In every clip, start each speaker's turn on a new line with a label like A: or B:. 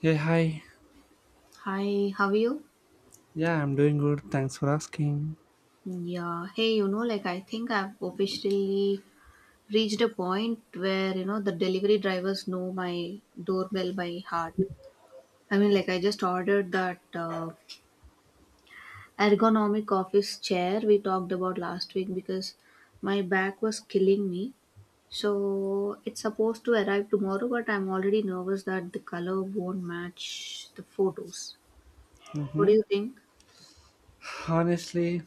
A: Hey, hi.
B: Hi, how are you?
A: Yeah, I'm doing good. Thanks for asking.
B: Yeah, hey, you know, like I think I've officially reached a point where, you know, the delivery drivers know my doorbell by heart. I mean, like I just ordered that ergonomic office chair we talked about last week because my back was killing me. So it's supposed to arrive tomorrow, but I'm already nervous that the color won't match the photos. What do
A: hmm
B: you think?
A: Honestly,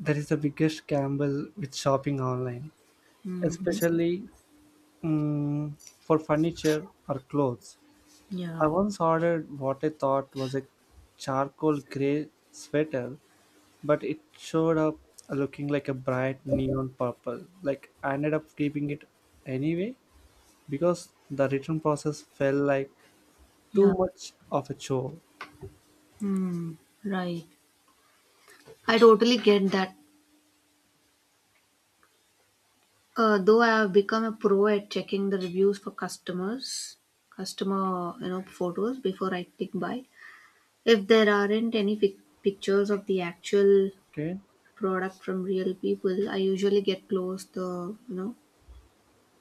A: that is the biggest gamble with shopping online,
B: Hmm.
A: especially mm, for furniture or clothes.
B: Yeah.
A: I once ordered what I thought was a charcoal gray sweater, but it showed up looking like a bright neon purple. Like, I ended up keeping it anyway because the return process felt like
B: Yeah.
A: too much of a chore.
B: Hmm. Right. I totally get that. Though I have become a pro at checking the reviews for customer photos before I click buy. If there aren't any pictures of the actual
A: Okay.
B: product from real people, I usually get close the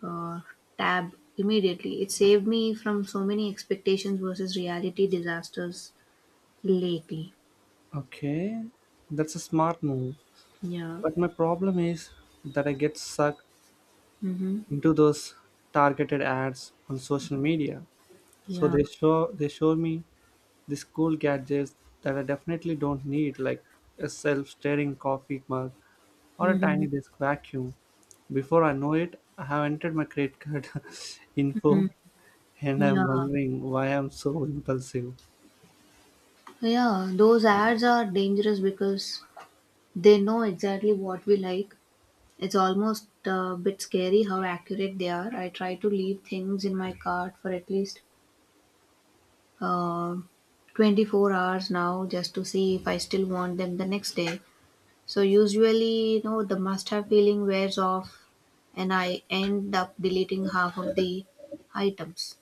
B: uh, tab immediately. It saved me from so many expectations versus reality disasters lately.
A: Okay, that's a smart move.
B: Yeah.
A: But my problem is that I get sucked
B: Mm-hmm.
A: into those targeted ads on social media. So
B: Yeah.
A: they show me these cool gadgets that I definitely don't need, like a self-stirring coffee mug or a
B: Mm-hmm.
A: tiny disc vacuum. Before I know it, I have entered my credit card info and I'm
B: Yeah,
A: wondering why I'm so impulsive.
B: yeah, those ads are dangerous because they know exactly what we like. It's almost a bit scary how accurate they are. I try to leave things in my cart for at least uh, 24 hours now just to see if I still want them the next day. So, usually, the must have feeling wears off and I end up deleting half of the items.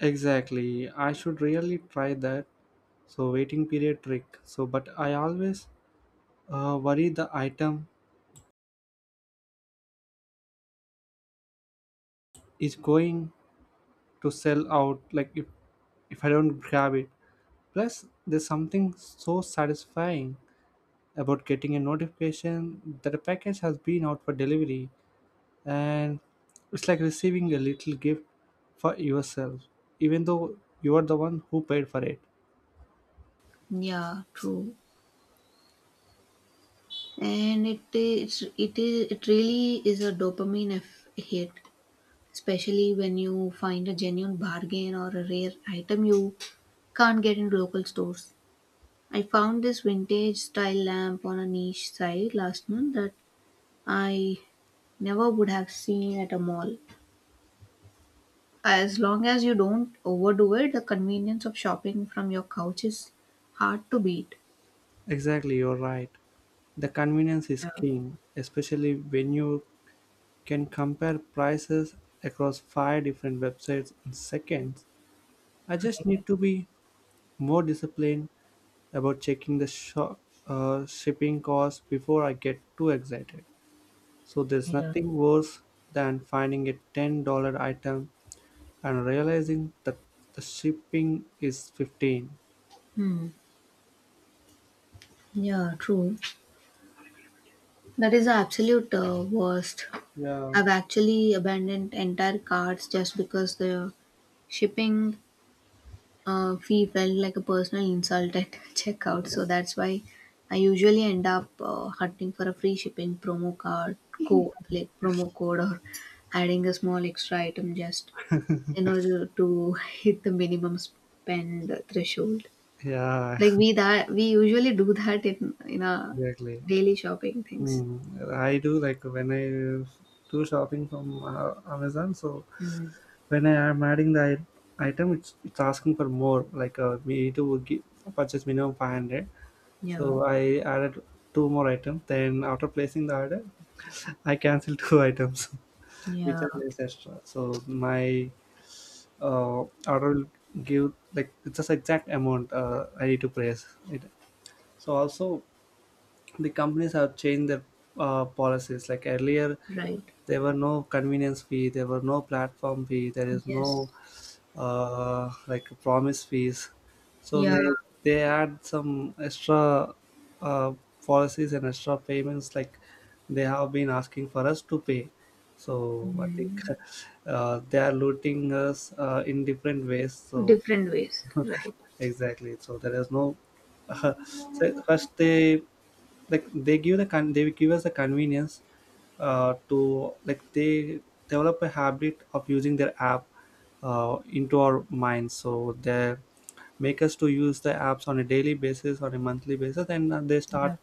A: Exactly. I should really try that. So, waiting period trick. So, but I always worry the item is going to sell out, like if I don't grab it. Plus there's something so satisfying about getting a notification that a package has been out for delivery, and it's like receiving a little gift for yourself, even though you are the one who paid for it.
B: Yeah, true. And it is, it really is a dopamine hit, especially when you find a genuine bargain or a rare item you can't get in local stores. I found this vintage style lamp on a niche site last month that I never would have seen at a mall. As long as you don't overdo it, the convenience of shopping from your couch is hard to beat.
A: Exactly, you're right. The convenience is
B: Yeah,
A: king, especially when you can compare prices across five different websites in seconds. I just need to be more disciplined about checking the shipping costs before I get too excited. So there's
B: yeah.
A: nothing worse than finding a $10 item and realizing that the shipping is 15.
B: Hmm. Yeah, true. That is the absolute worst.
A: Yeah.
B: I've actually abandoned entire carts just because the shipping fee felt like a personal insult at checkout. So that's why I usually end up hunting for a free shipping promo card, like promo code, or adding a small extra item just in order to hit the minimum spend threshold.
A: Yeah,
B: Like we that we usually do that in our
A: exactly.
B: daily shopping things.
A: I do like when I do shopping from Amazon. So
B: Mm.
A: when I am adding the item, it's asking for more. Like, we need to purchase minimum 500.
B: Yeah,
A: So I added two more items. Then after placing the order, I canceled two items, which
B: yeah,
A: I placed extra. So my uh, order will give, like, it's just exact amount I need to place it. So also the companies have changed their policies. Like, earlier,
B: right.
A: there were no convenience fee, there were no platform fee, there is
B: Yes,
A: no like a promise fees. So
B: yeah,
A: they. Mm. They add some extra uh, policies and extra payments, like they have been asking for us to pay. So I think, they are looting us in different ways. So
B: different ways, right?
A: exactly. So there is no. So first they, like, they give the they give us the convenience to, like, they develop a habit of using their app into our minds. So they make us to use the apps on a daily basis or a monthly basis, and they
B: Yeah,
A: start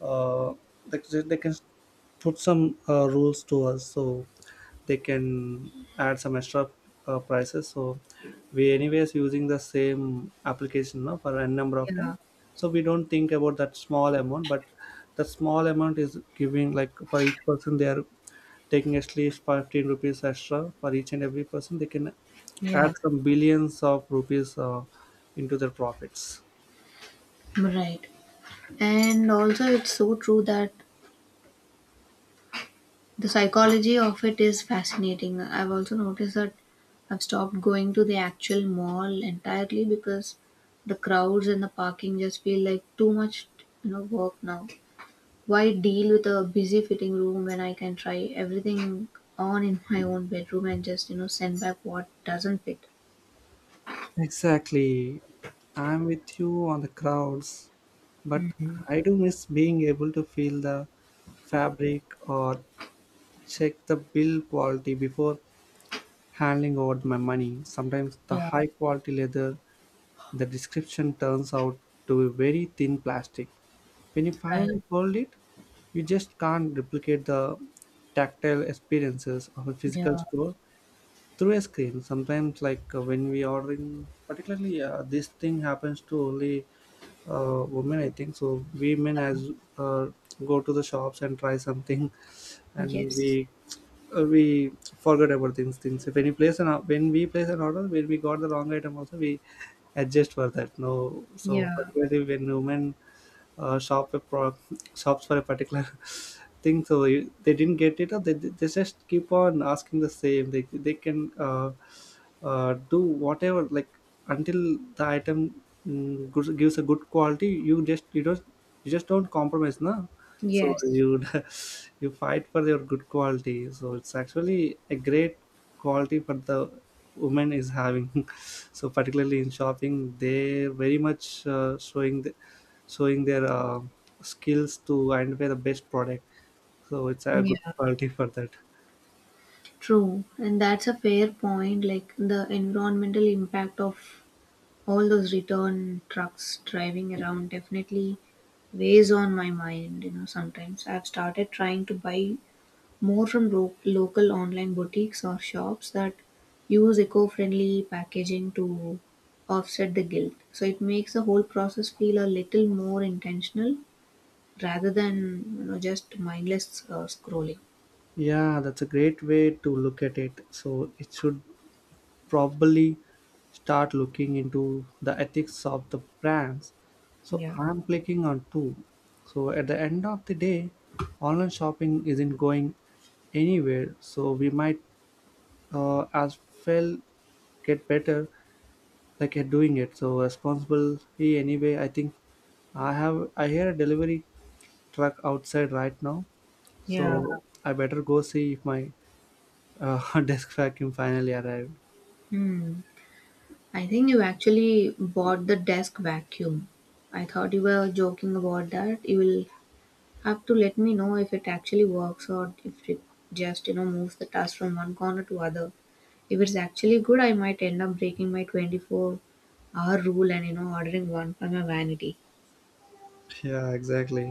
A: uh, they can put some rules to us, so they can add some extra prices. So we anyways using the same application now for n number of
B: yeah,
A: time, so we don't think about that small amount, but the small amount is giving, like, for each person they are taking at least 15 rupees extra for each and every person. They can add
B: yeah.
A: some billions of rupees into their profits.
B: Right. And also, it's so true that the psychology of it is fascinating. I've also noticed that I've stopped going to the actual mall entirely because the crowds and the parking just feel like too much, you know, work now. Why deal with a busy fitting room when I can try everything on in my own bedroom and just, send back what doesn't fit?
A: Exactly. I'm with you on the crowds, but I do miss being able to feel the fabric or check the build quality before handling over my money. Sometimes the
B: Yeah,
A: high quality leather in the description turns out to be very thin plastic. When you
B: right.
A: finally hold it, you just can't replicate the tactile experiences of a physical
B: Yeah.
A: store through a screen. Sometimes, like, when we ordering, particularly, this thing happens to only women, I think. So we men as uh, go to the shops and try something, and
B: Yes.
A: we forget about these things if any place. And when we place an order, when we got the wrong item also, we adjust for that, no. So
B: Yeah.
A: particularly when women uh, shop a pro- shops for a particular thing, so you, they didn't get it, or they just keep on asking the same. They can do whatever, like, until the item gives a good quality. You just, you don't, you just don't compromise, no. So
B: Yes.
A: you you fight for your good quality. So it's actually a great quality for the woman is having. So particularly in shopping, they're very much showing their skills to identify the best product. So it's a good
B: Yeah.
A: quality for that.
B: True, and that's a fair point. Like the environmental impact of all those return trucks driving around definitely weighs on my mind. You know, sometimes I've started trying to buy more from local online boutiques or shops that use eco friendly packaging to offset the guilt. So it makes the whole process feel a little more intentional rather than just mindless scrolling.
A: Yeah, that's a great way to look at it. So it should probably start looking into the ethics of the brands. So
B: Yeah,
A: I'm clicking on two. So at the end of the day, online shopping isn't going anywhere. So we might as well get better, like you're doing it so responsible. Hey, anyway, I think I have, I hear a delivery truck outside right now, so.
B: yeah.
A: Yeah. I better go see if my desk vacuum finally arrived.
B: Hmm. I think you actually bought the desk vacuum. I thought you were joking about that. You will have to let me know if it actually works or if it just, you know, moves the dust from one corner to other. If it's actually good, I might end up breaking my 24-hour rule and, you know, ordering one for my vanity.
A: Yeah, exactly.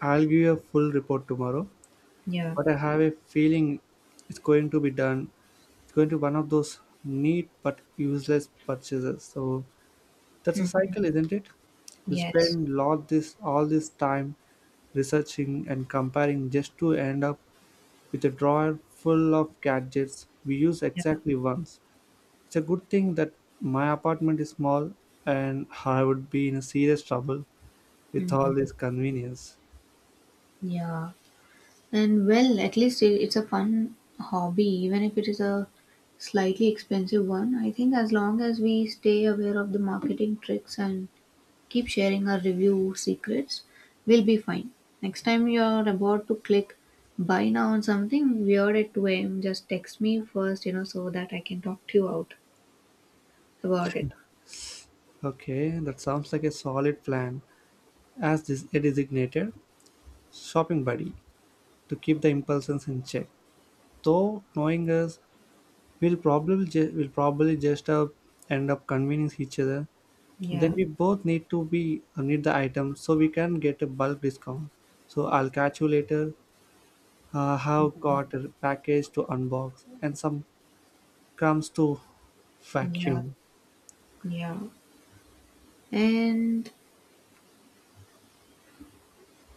A: I'll give you a full report tomorrow,
B: Yeah.
A: but I have a feeling it's going to be done. It's going to be one of those neat but useless purchases. So that's a
B: Mhm.
A: cycle, isn't it? We
B: Yes.
A: spend lot this all this time researching and comparing just to end up with a drawer full of gadgets we use
B: Yeah.
A: exactly once. It's a good thing that my apartment is small, and I would be in serious trouble with all this convenience.
B: Yeah. And well, at least it's a fun hobby, even if it is a slightly expensive one. I think as long as we stay aware of the marketing tricks and keep sharing our review secrets, we'll be fine. Next time you're about to click buy now on something weird at 2 a.m., just text me first, you know, so that I can talk to you out about it.
A: Okay, that sounds like a solid plan as this a designated shopping buddy to keep the impulses in check. Though knowing us, we'll will probably just end up convincing each other. Then
B: Yeah,
A: we both need to be need the item so we can get a bulk discount. So I'll catch you later. Have got a package to unbox and some crumbs to
B: yeah,
A: vacuum.
B: yeah. And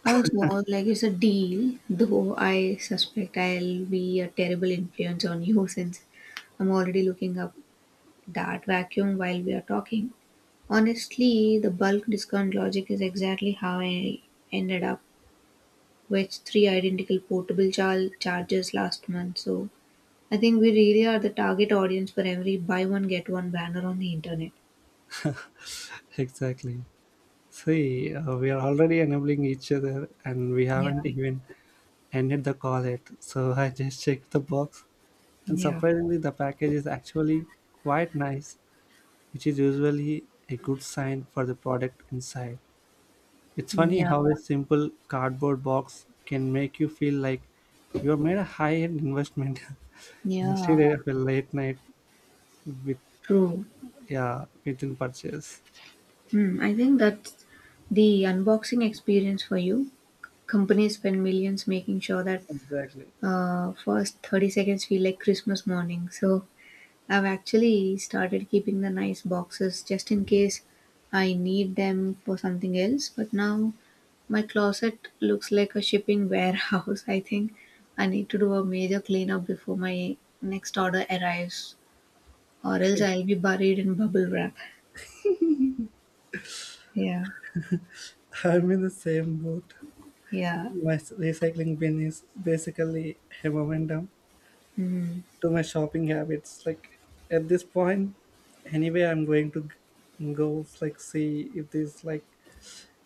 B: also, like it's a deal, though I suspect I'll be a terrible influence on you since I'm already looking up that vacuum while we are talking. Honestly, the bulk discount logic is exactly how I ended up with three identical portable chargers last month. So I think we really are the target audience for every buy one get one banner on the internet.
A: Exactly. See, we are already enabling each other, and we
B: Yeah,
A: haven't even ended the call yet. So I just checked the box, and
B: yeah,
A: surprisingly, the package is actually quite nice, which is usually a good sign for the product inside. It's funny
B: yeah,
A: how a simple cardboard box can make you feel like you have made a high end investment instead
B: yeah.
A: of a late night with,
B: True.
A: yeah, within purchase.
B: Hmm, I think that's the unboxing experience for you. Companies spend millions making sure that
A: Exactly.
B: first 30 seconds feel like Christmas morning. So I've actually started keeping the nice boxes just in case I need them for something else. But now my closet looks like a shipping warehouse. I think I need to do a major cleanup before my next order arrives, or else I'll be buried in bubble wrap. Yeah,
A: I'm in the same boat.
B: yeah.
A: My recycling bin is basically a momentum
B: Hmm.
A: to my shopping habits. Like, at this point, anyway, I'm going to go, like, see if this, like,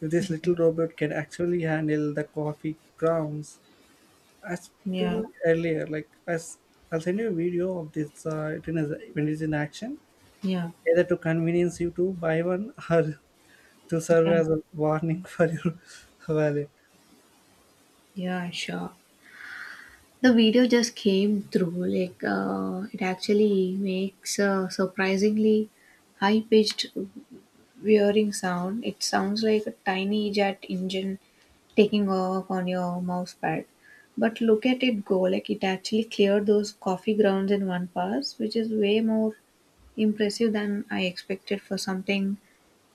A: if this little robot can actually handle the coffee grounds I
B: Yeah,
A: spilled earlier. Like, I'll send you a video of this, it is- when it's in action,
B: yeah,
A: either to convenience you to buy one or to serve
B: yeah,
A: as a warning for your wallet.
B: yeah, sure. The video just came through. Like it actually makes a surprisingly high pitched whirring sound. It sounds like a tiny jet engine taking off on your mouse pad, but look at it go. Like it actually cleared those coffee grounds in one pass, which is way more impressive than I expected for something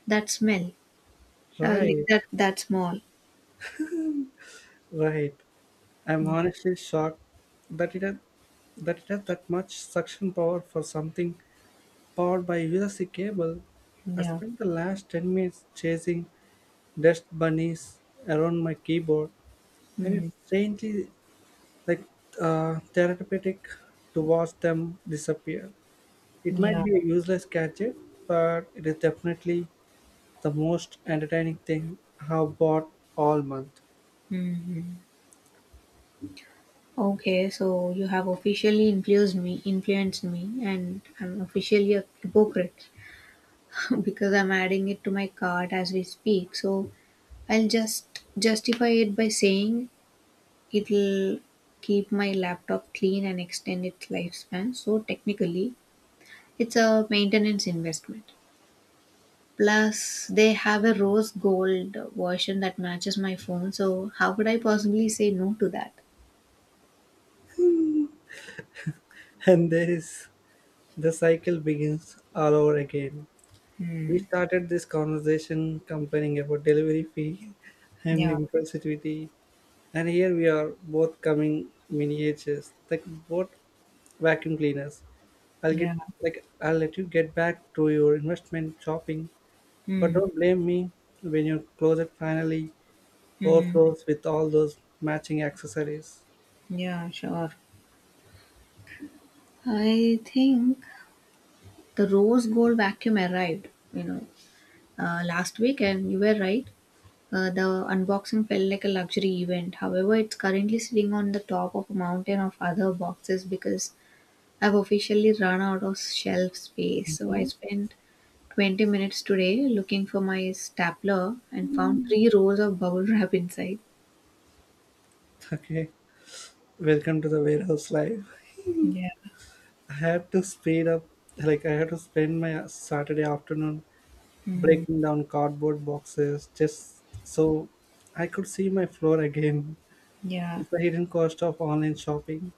B: that smell like
A: Right,
B: that small.
A: right. I'm
B: Yeah,
A: honestly shocked that it had that it has that much suction power for something powered by USB cable. I
B: yeah.
A: spent the last 10 minutes chasing dust bunnies around my keyboard, and
B: Hmm.
A: it's strangely, like, therapeutic to watch them disappear. It
B: Yeah.
A: might be a useless gadget, but it is definitely the most entertaining thing I have bought all month.
B: Hmm. Okay, so you have officially influenced me, and I'm officially a hypocrite because I'm adding it to my cart as we speak. So I'll just justify it by saying it'll keep my laptop clean and extend its lifespan. So technically, it's a maintenance investment. Plus, they have a rose gold version that matches my phone. So how could I possibly say no to that?
A: And there is, the cycle begins all over again. We started this conversation complaining about delivery fee and
B: Yeah,
A: impulsivity, and here we are both coming miniatures, like both vacuum cleaners. I'll get,
B: yeah.
A: like, I'll let you get back to your investment shopping, but
B: Hmm.
A: don't blame me when your closet finally
B: Mm,
A: overflows with all those matching accessories.
B: yeah, sure. I think the rose gold vacuum arrived, you know, last week, and you were right. The unboxing felt like a luxury event. However, it's currently sitting on the top of a mountain of other boxes because I've officially run out of shelf space. So I
A: Hmm?
B: spent 20 minutes today looking for my stapler and found three rows of bubble wrap inside.
A: Okay, welcome to the warehouse life.
B: Yeah,
A: I had to speed up, like I had to spend my Saturday afternoon breaking down cardboard boxes just so I could see my floor again.
B: yeah,
A: It's the hidden cost of online shopping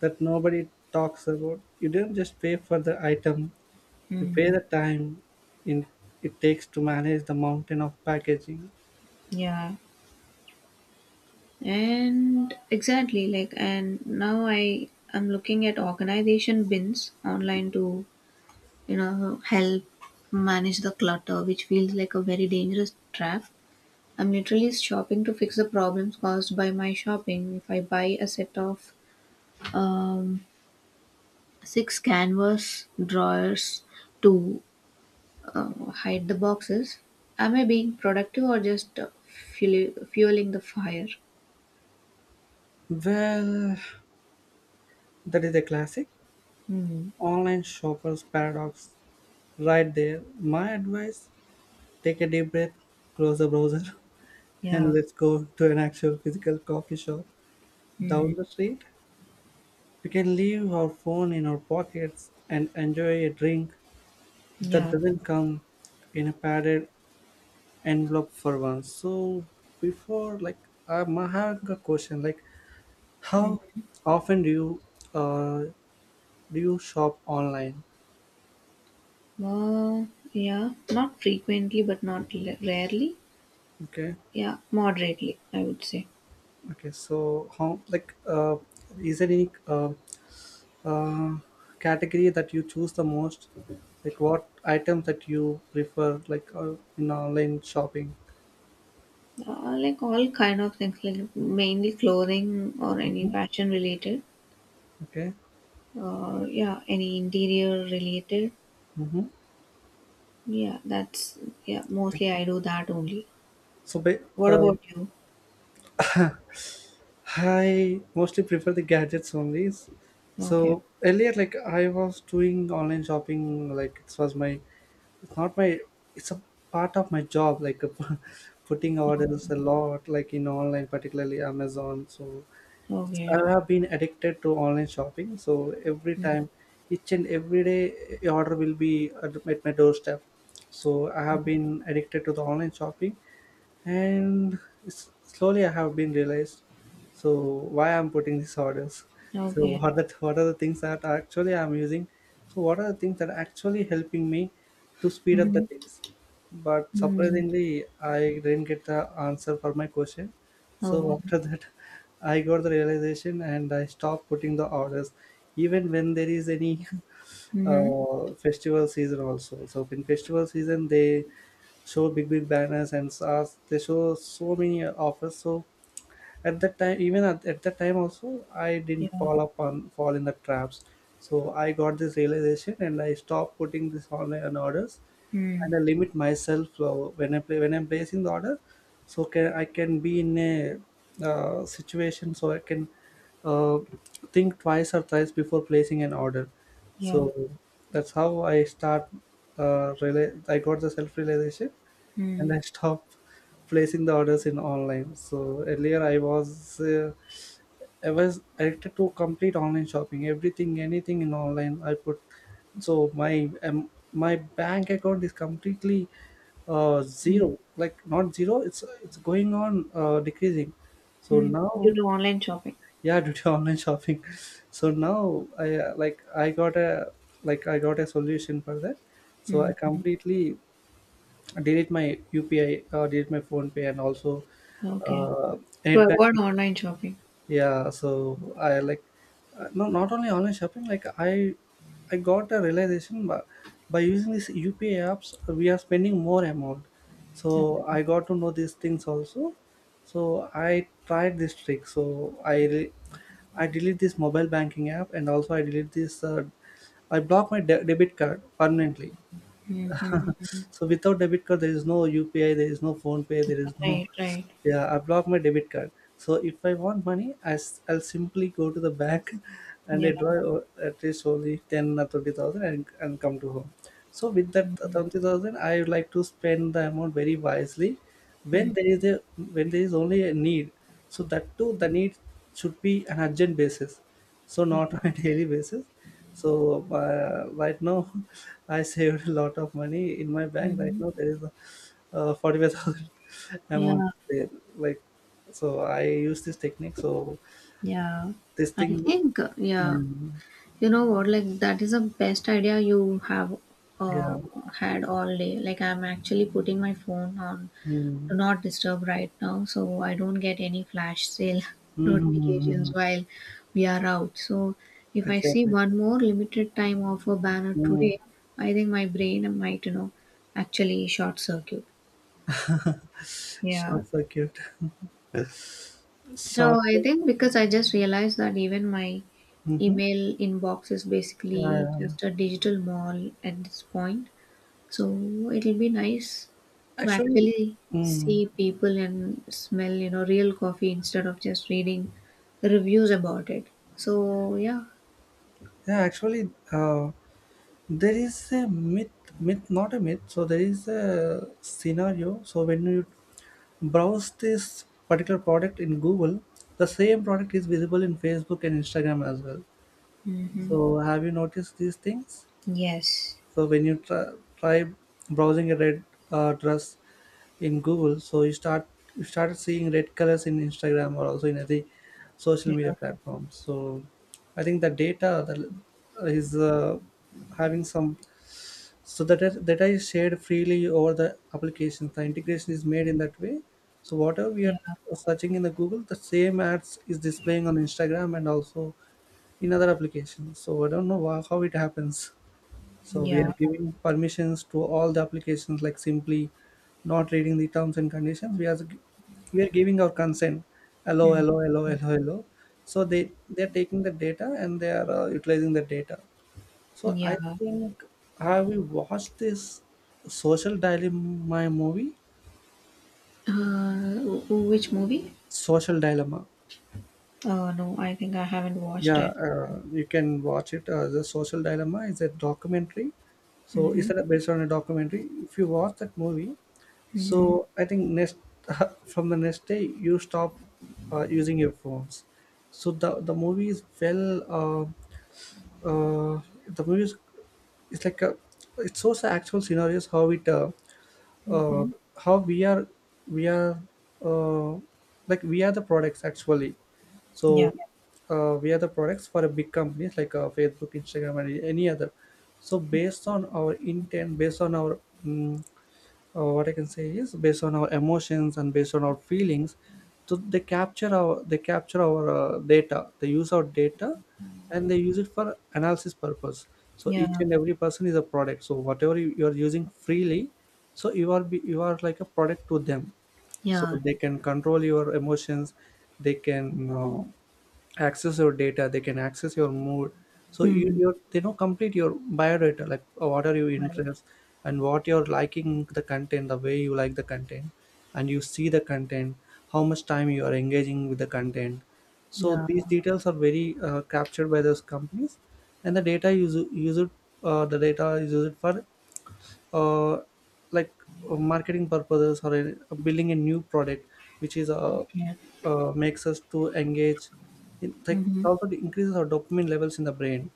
A: that nobody talks about. You don't just pay for the item, you pay
B: mm,
A: the time in it takes to manage the mountain of packaging.
B: yeah. And exactly, like, and now I am looking at organization bins online to, you know, help manage the clutter, which feels like a very dangerous trap. I'm literally shopping to fix the problems caused by my shopping. If I buy a set of um, six canvas drawers to uh, hide the boxes, am I being productive or just fueling the fire?
A: Well, that is a classic
B: Hmm.
A: online shopper's paradox right there. My advice: take a deep breath, close the browser, and
B: Yeah.
A: let's go to an actual physical coffee shop
B: Hmm.
A: down the street. We can leave our phone in our pockets and enjoy a drink that
B: Yeah.
A: doesn't come in a padded envelope for once. So, before, like, I'm having a question, like, how often uh, do you shop online?
B: Uh, yeah, not frequently, but not l- rarely.
A: Okay,
B: Yeah, moderately, I would say.
A: okay, so how, like, is there any uh, category that you choose the most, like what items that you prefer, like in online shopping?
B: Like all kind of things, like mainly clothing or any
A: Mhm.
B: fashion related.
A: Okay.
B: Yeah, any interior related.
A: Mm-hmm.
B: Yeah, that's yeah.
A: Okay.
B: Mostly, I do that only.
A: So
B: What about you?
A: I mostly prefer the gadgets only. So
B: Okay.
A: earlier, like, I was doing online shopping, like it was my, it's not my, it's a part of my job, like, putting orders
B: Okay.
A: a lot, like in online, particularly Amazon. So it's,
B: Okay.
A: I have been addicted to online shopping. So every
B: Mm.
A: time, each and every day, a order will be at my doorstep. So I have been addicted to the online shopping and slowly I have been realized, so why I'm putting these orders, so
B: Okay.
A: what are the things that actually I'm using, so what are the things that are actually helping me to speed up the
B: Mm-hmm.
A: things? But
B: Mm.
A: surprisingly I didn't get the answer for my question. So
B: Okay.
A: after that I got the realization and I stopped putting the orders, even when there is any
B: Mm-hmm.
A: festival season also. So in festival season, they show big big banners and stars, they show so many offers. So at that time, even at that time also, I didn't
B: Yeah.
A: fall in the traps. So I got this realization and I stopped putting this online orders,
B: Mm.
A: and I limit myself. When I play when I'm placing the order, so can I can be in a situation, so I can uh, think twice or thrice before placing an order. So
B: Yeah.
A: that's how I start, I got the self realization,
B: Mm.
A: and I stopped placing the orders in online. So earlier I was addicted to complete online shopping, everything, anything in online. I put, so my my bank account is completely
B: Mm.
A: zero, like not zero. It's going on decreasing. So
B: Mm. You
A: now,
B: do online shopping.
A: yeah, due to online shopping. So now I like I got a like I got a solution for that. So I
B: Mhm.
A: completely delete my UPI or delete my phone pay, and also
B: Okay.
A: uh,
B: To
A: net
B: avoid
A: banking.
B: online shopping.
A: Yeah, so I like, no, not only online shopping. I got a realization by using these UPI apps, we are spending more amount. So I got to know these things also. So I tried this trick. I delete this mobile banking app, and also I delete this. I block my debit card permanently.
B: Mhm.
A: So without debit card, there is no UPI, there is no phone pay, there is no,
B: Right, right.
A: yeah. I block my debit card. So if I want money, I'll simply go to the bank and
B: Yeah.
A: at least only ten or twenty thousand and come to home. So with that 20,000, I would like to spend the amount very wisely
B: Mm.
A: when there is a when there is only a need. So that too, the need should be an urgent basis, so not on a daily basis. So right now, I saved a lot of money in my bank. Right now,
B: Mhm.
A: there is a, 45,000 amount
B: Yeah,
A: there. Like, so I use this technique. So
B: yeah.
A: this
B: I
A: thing,
B: think,
A: um,
B: you know what, like that is the best idea you have
A: yeah,
B: uh, had all day. Like I'm actually putting my phone on do
A: mm,
B: not disturb right now so I don't get any flash sale notifications
A: mm,
B: while we are out. So if I see
A: exactly.
B: one more limited time offer banner
A: Mm.
B: today, I think my brain might, you know, actually short circuit. Yeah.
A: Short circuit.
B: So
A: Short.
B: I think, because I just realized that even my
A: Mm-hmm.
B: email inbox is
A: Yeah,
B: basically
A: yeah.
B: just a digital mall at this point. So it'll be nice to
A: Actually,
B: actually see
A: mm,
B: people and smell, you know, real coffee instead of just reading reviews about it. So yeah.
A: yeah. Actually, there is a myth, not a myth, so there is a scenario. So when you browse this particular product in Google, the same product is visible in Facebook and Instagram as well.
B: Mm-hmm.
A: So have you noticed these things?
B: Yes.
A: So when you try browsing a red dress in Google, so you start seeing red colors in Instagram or also in the social
B: Yeah.
A: media platforms. So I think the data that is having some, so that is shared freely over the applications, the integration is made in that way. So whatever we are
B: Yeah.
A: searching in the Google, the same ads is displaying on Instagram and also in other applications. So I don't know how it happens. So we are
B: Yeah.
A: giving permissions to all the applications, like simply not reading the terms and conditions. We are we are giving our consent. Hello
B: Mm.
A: hello hello hello hello. So they are taking the data and they are utilizing the data. So I
B: Yeah.
A: think, have you watched this Social Dilemma movie?
B: Which movie?
A: Social Dilemma.
B: Oh no, I think I haven't watched
A: Yeah,
B: it.
A: you can watch it. The Social Dilemma is a documentary. So
B: Mm-hmm.
A: based on a documentary. If you watch that movie,
B: Mm-hmm.
A: so I think next, from the next day you stop using your phones. So the movie is well. Uh, the movie is, it's like a, it shows the actual scenarios how it uh,
B: Mm-hmm.
A: how we are, uh, like we are the products actually.
B: Yeah.
A: So yeah, we are the products for a big companies, like Facebook, Instagram and any other. So based on our intent, based on our mm, what I can say is based on our emotions and based on our feelings. So they capture our data. They use our data, and they use it for analysis purpose. So
B: Yeah.
A: each and every person is a product. So whatever you are using freely, so you are like a product to them. So
B: Yeah.
A: they can control your emotions. They can. Access your data, they can access your mood. So
B: Mm.
A: they know complete your biodata, like what are your
B: Right.
A: interests, and what you're liking, the content, the way you like the content, and you see the content, how much time you are engaging with the content. So
B: Yeah.
A: these details are very captured by those companies, and the data use use it, the data is used for uh, like marketing purposes, or building a new product which is
B: Okay.
A: makes us to engage in, like it
B: Mm-hmm.
A: also it increases our dopamine levels in the brain.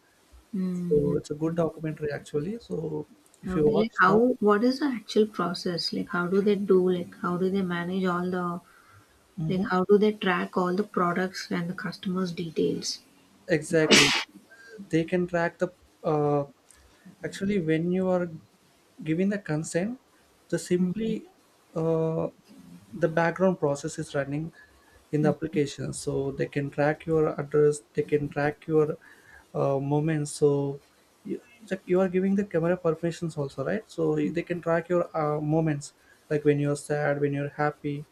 B: Mm-hmm.
A: So it's a good documentary actually. So if you
B: Okay, like
A: watch one,
B: how what is the actual process? Like how do they do? Like how do they manage all the like
A: hmm,
B: how do they track all the products and the customers' details?
A: exactly, they can track the uh, actually when you are giving the consent, the simply uh, the background process is running in the application. So they can track your address, they can track your movements. So you, like you are giving the camera permissions also, right? So they can track your moments, like when you're sad, when you're happy,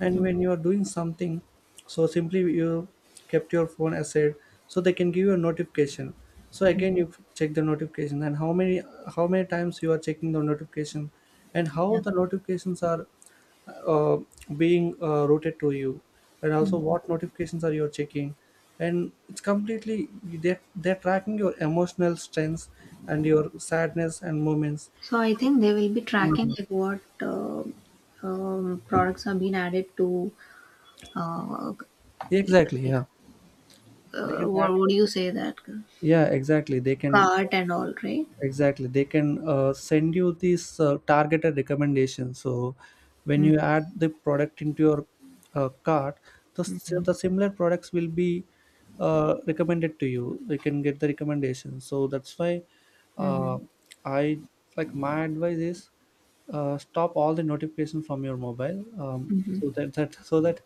A: and when you are doing something. So simply you kept your phone aside, so they can give you a notification. So again you check the notification, and how many times you are checking the notification, and how
B: Yeah.
A: the notifications are uh, being routed to you, and also what notifications are you checking. And it's completely they're tracking your emotional strengths and your sadness and moments.
B: So I think they will be tracking
A: Mhm.
B: like what products have been added to uh,
A: Exactly.
B: like
A: Yeah. They can track,
B: what do you say that
A: yeah exactly they can,
B: cart and all, right?
A: exactly they can send you these targeted recommendations. So when you add the product into your cart,
B: Mm-hmm.
A: the similar products will be recommended to you, you can get the recommendation. So that's why
B: Mm-hmm.
A: uh, I, like my advice is stop all the notification from your mobile,
B: Mm-hmm.
A: so that, so that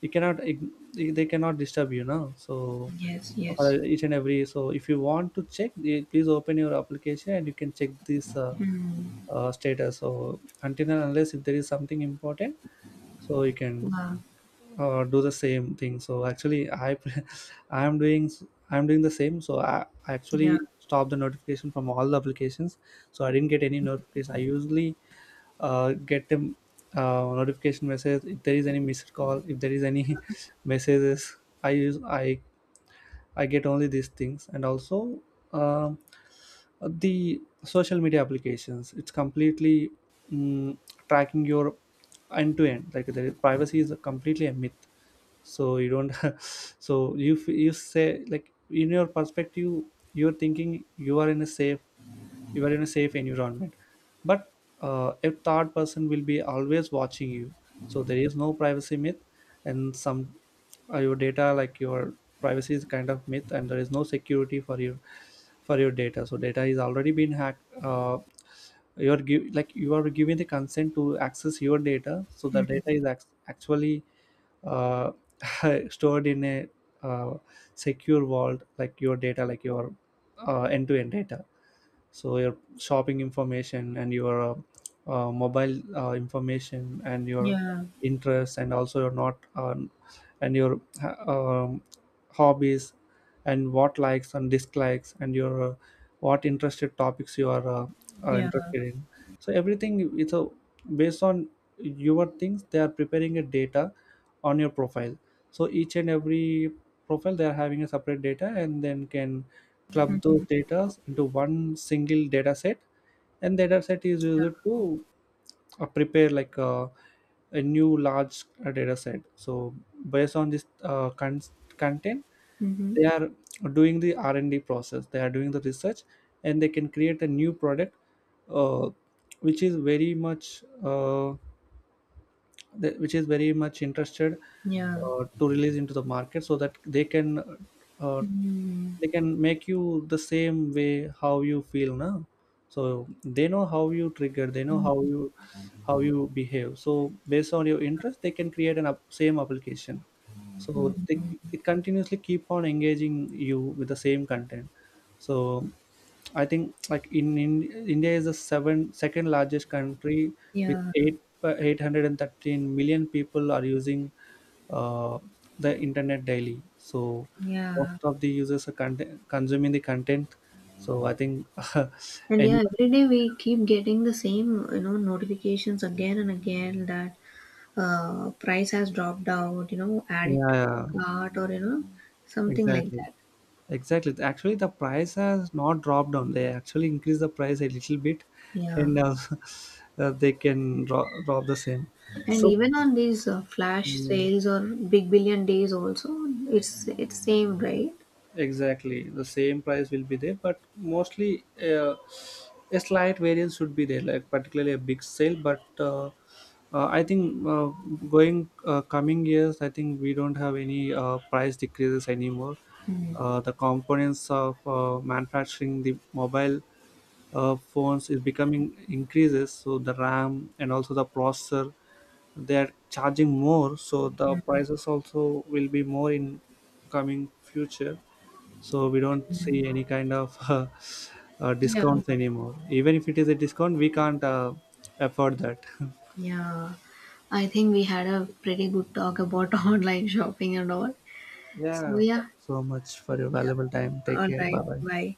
A: you cannot they they cannot disturb you now. So
B: Yes,
A: for
B: yes.
A: each and every, so if you want to check, eh, please open your application and you can check this
B: Mm-hmm.
A: status. So until and unless if there is something important, so you can
B: Wow.
A: do the same thing. So actually i am doing s- I'm doing the same. So I
B: Yeah.
A: actually stopped the notification from all the applications. So I didn't get any notification. I usually get them notification message if there is any missed call, if there is any messages. I use I get only these things, and also um the social media applications. It's completely mm, tracking your end to end. Like the privacy is completely a myth. So you don't. So you say like in your perspective, you're thinking you are in a safe environment, but a third person will be always watching you. So there is no privacy myth, and some your data, like your privacy is kind of myth, and there is no security for your data. So data is already been hacked. You are like you are giving the consent to access your data. So the
B: Mm-hmm.
A: data is actually uh, stored in a uh, secure vault, like your data, like your end-to-end data. So your shopping information and your mobile information, and your
B: Yeah.
A: interests, and also your not and your hobbies, and what likes and dislikes, and your what interested topics you are
B: Yeah.
A: interested in. So everything it's a based on your things, they are preparing a data on your profile. So each and every profile they are having a separate data, and then can club those data into one single data set, and data set is used to prepare like a new large data set. So based on this content,
B: Mm-hmm.
A: they are doing the R&D process, they are doing the research, and they can create a new product uh, which is very much which is very much interested
B: Yeah.
A: to release into the market, so that uh,
B: Mm,
A: they can make you the same way how you feel now. So they know how you trigger, they know how you, how you behave. So based on your interest, they can create an up, same application. So they continuously keep on engaging you with the same content. So I think like in India is the seven second largest country with
B: yeah,
A: 8 813 million people are using uh, the internet daily. So most
B: yeah.
A: of the users are consuming the content. So I think
B: And yeah,
A: anyone,
B: every day we keep getting the same, you know, notifications again and again that price has dropped out, you know, add it
A: yeah,
B: to the
A: yeah,
B: cart or, you know, something like
A: exactly,
B: that.
A: exactly. Actually, the price has not dropped down. They actually increase the price a little bit,
B: Yeah.
A: and they can rob the same.
B: And
A: So,
B: even on these flash
A: yeah.
B: sales or big billion days also, it's same, right?
A: Exactly, the same price will be there, but mostly a slight variance should be there, like particularly a big sale. But I think going coming years, I think we don't have any price decreases anymore. The components of manufacturing the mobile phones is becoming increases. So the RAM and also the processor, they are charging more. So the prices also will be more in coming future. So we don't see
B: Mm.
A: any kind of
B: Yeah.
A: discounts anymore. Even if it is a discount, we can't afford that.
B: Yeah. I think we had a pretty good talk about online shopping and all. So
A: Yeah,
B: yeah.
A: thank you so much for your valuable time, take
B: All
A: care,
B: right.
A: bye bye.
B: Bye.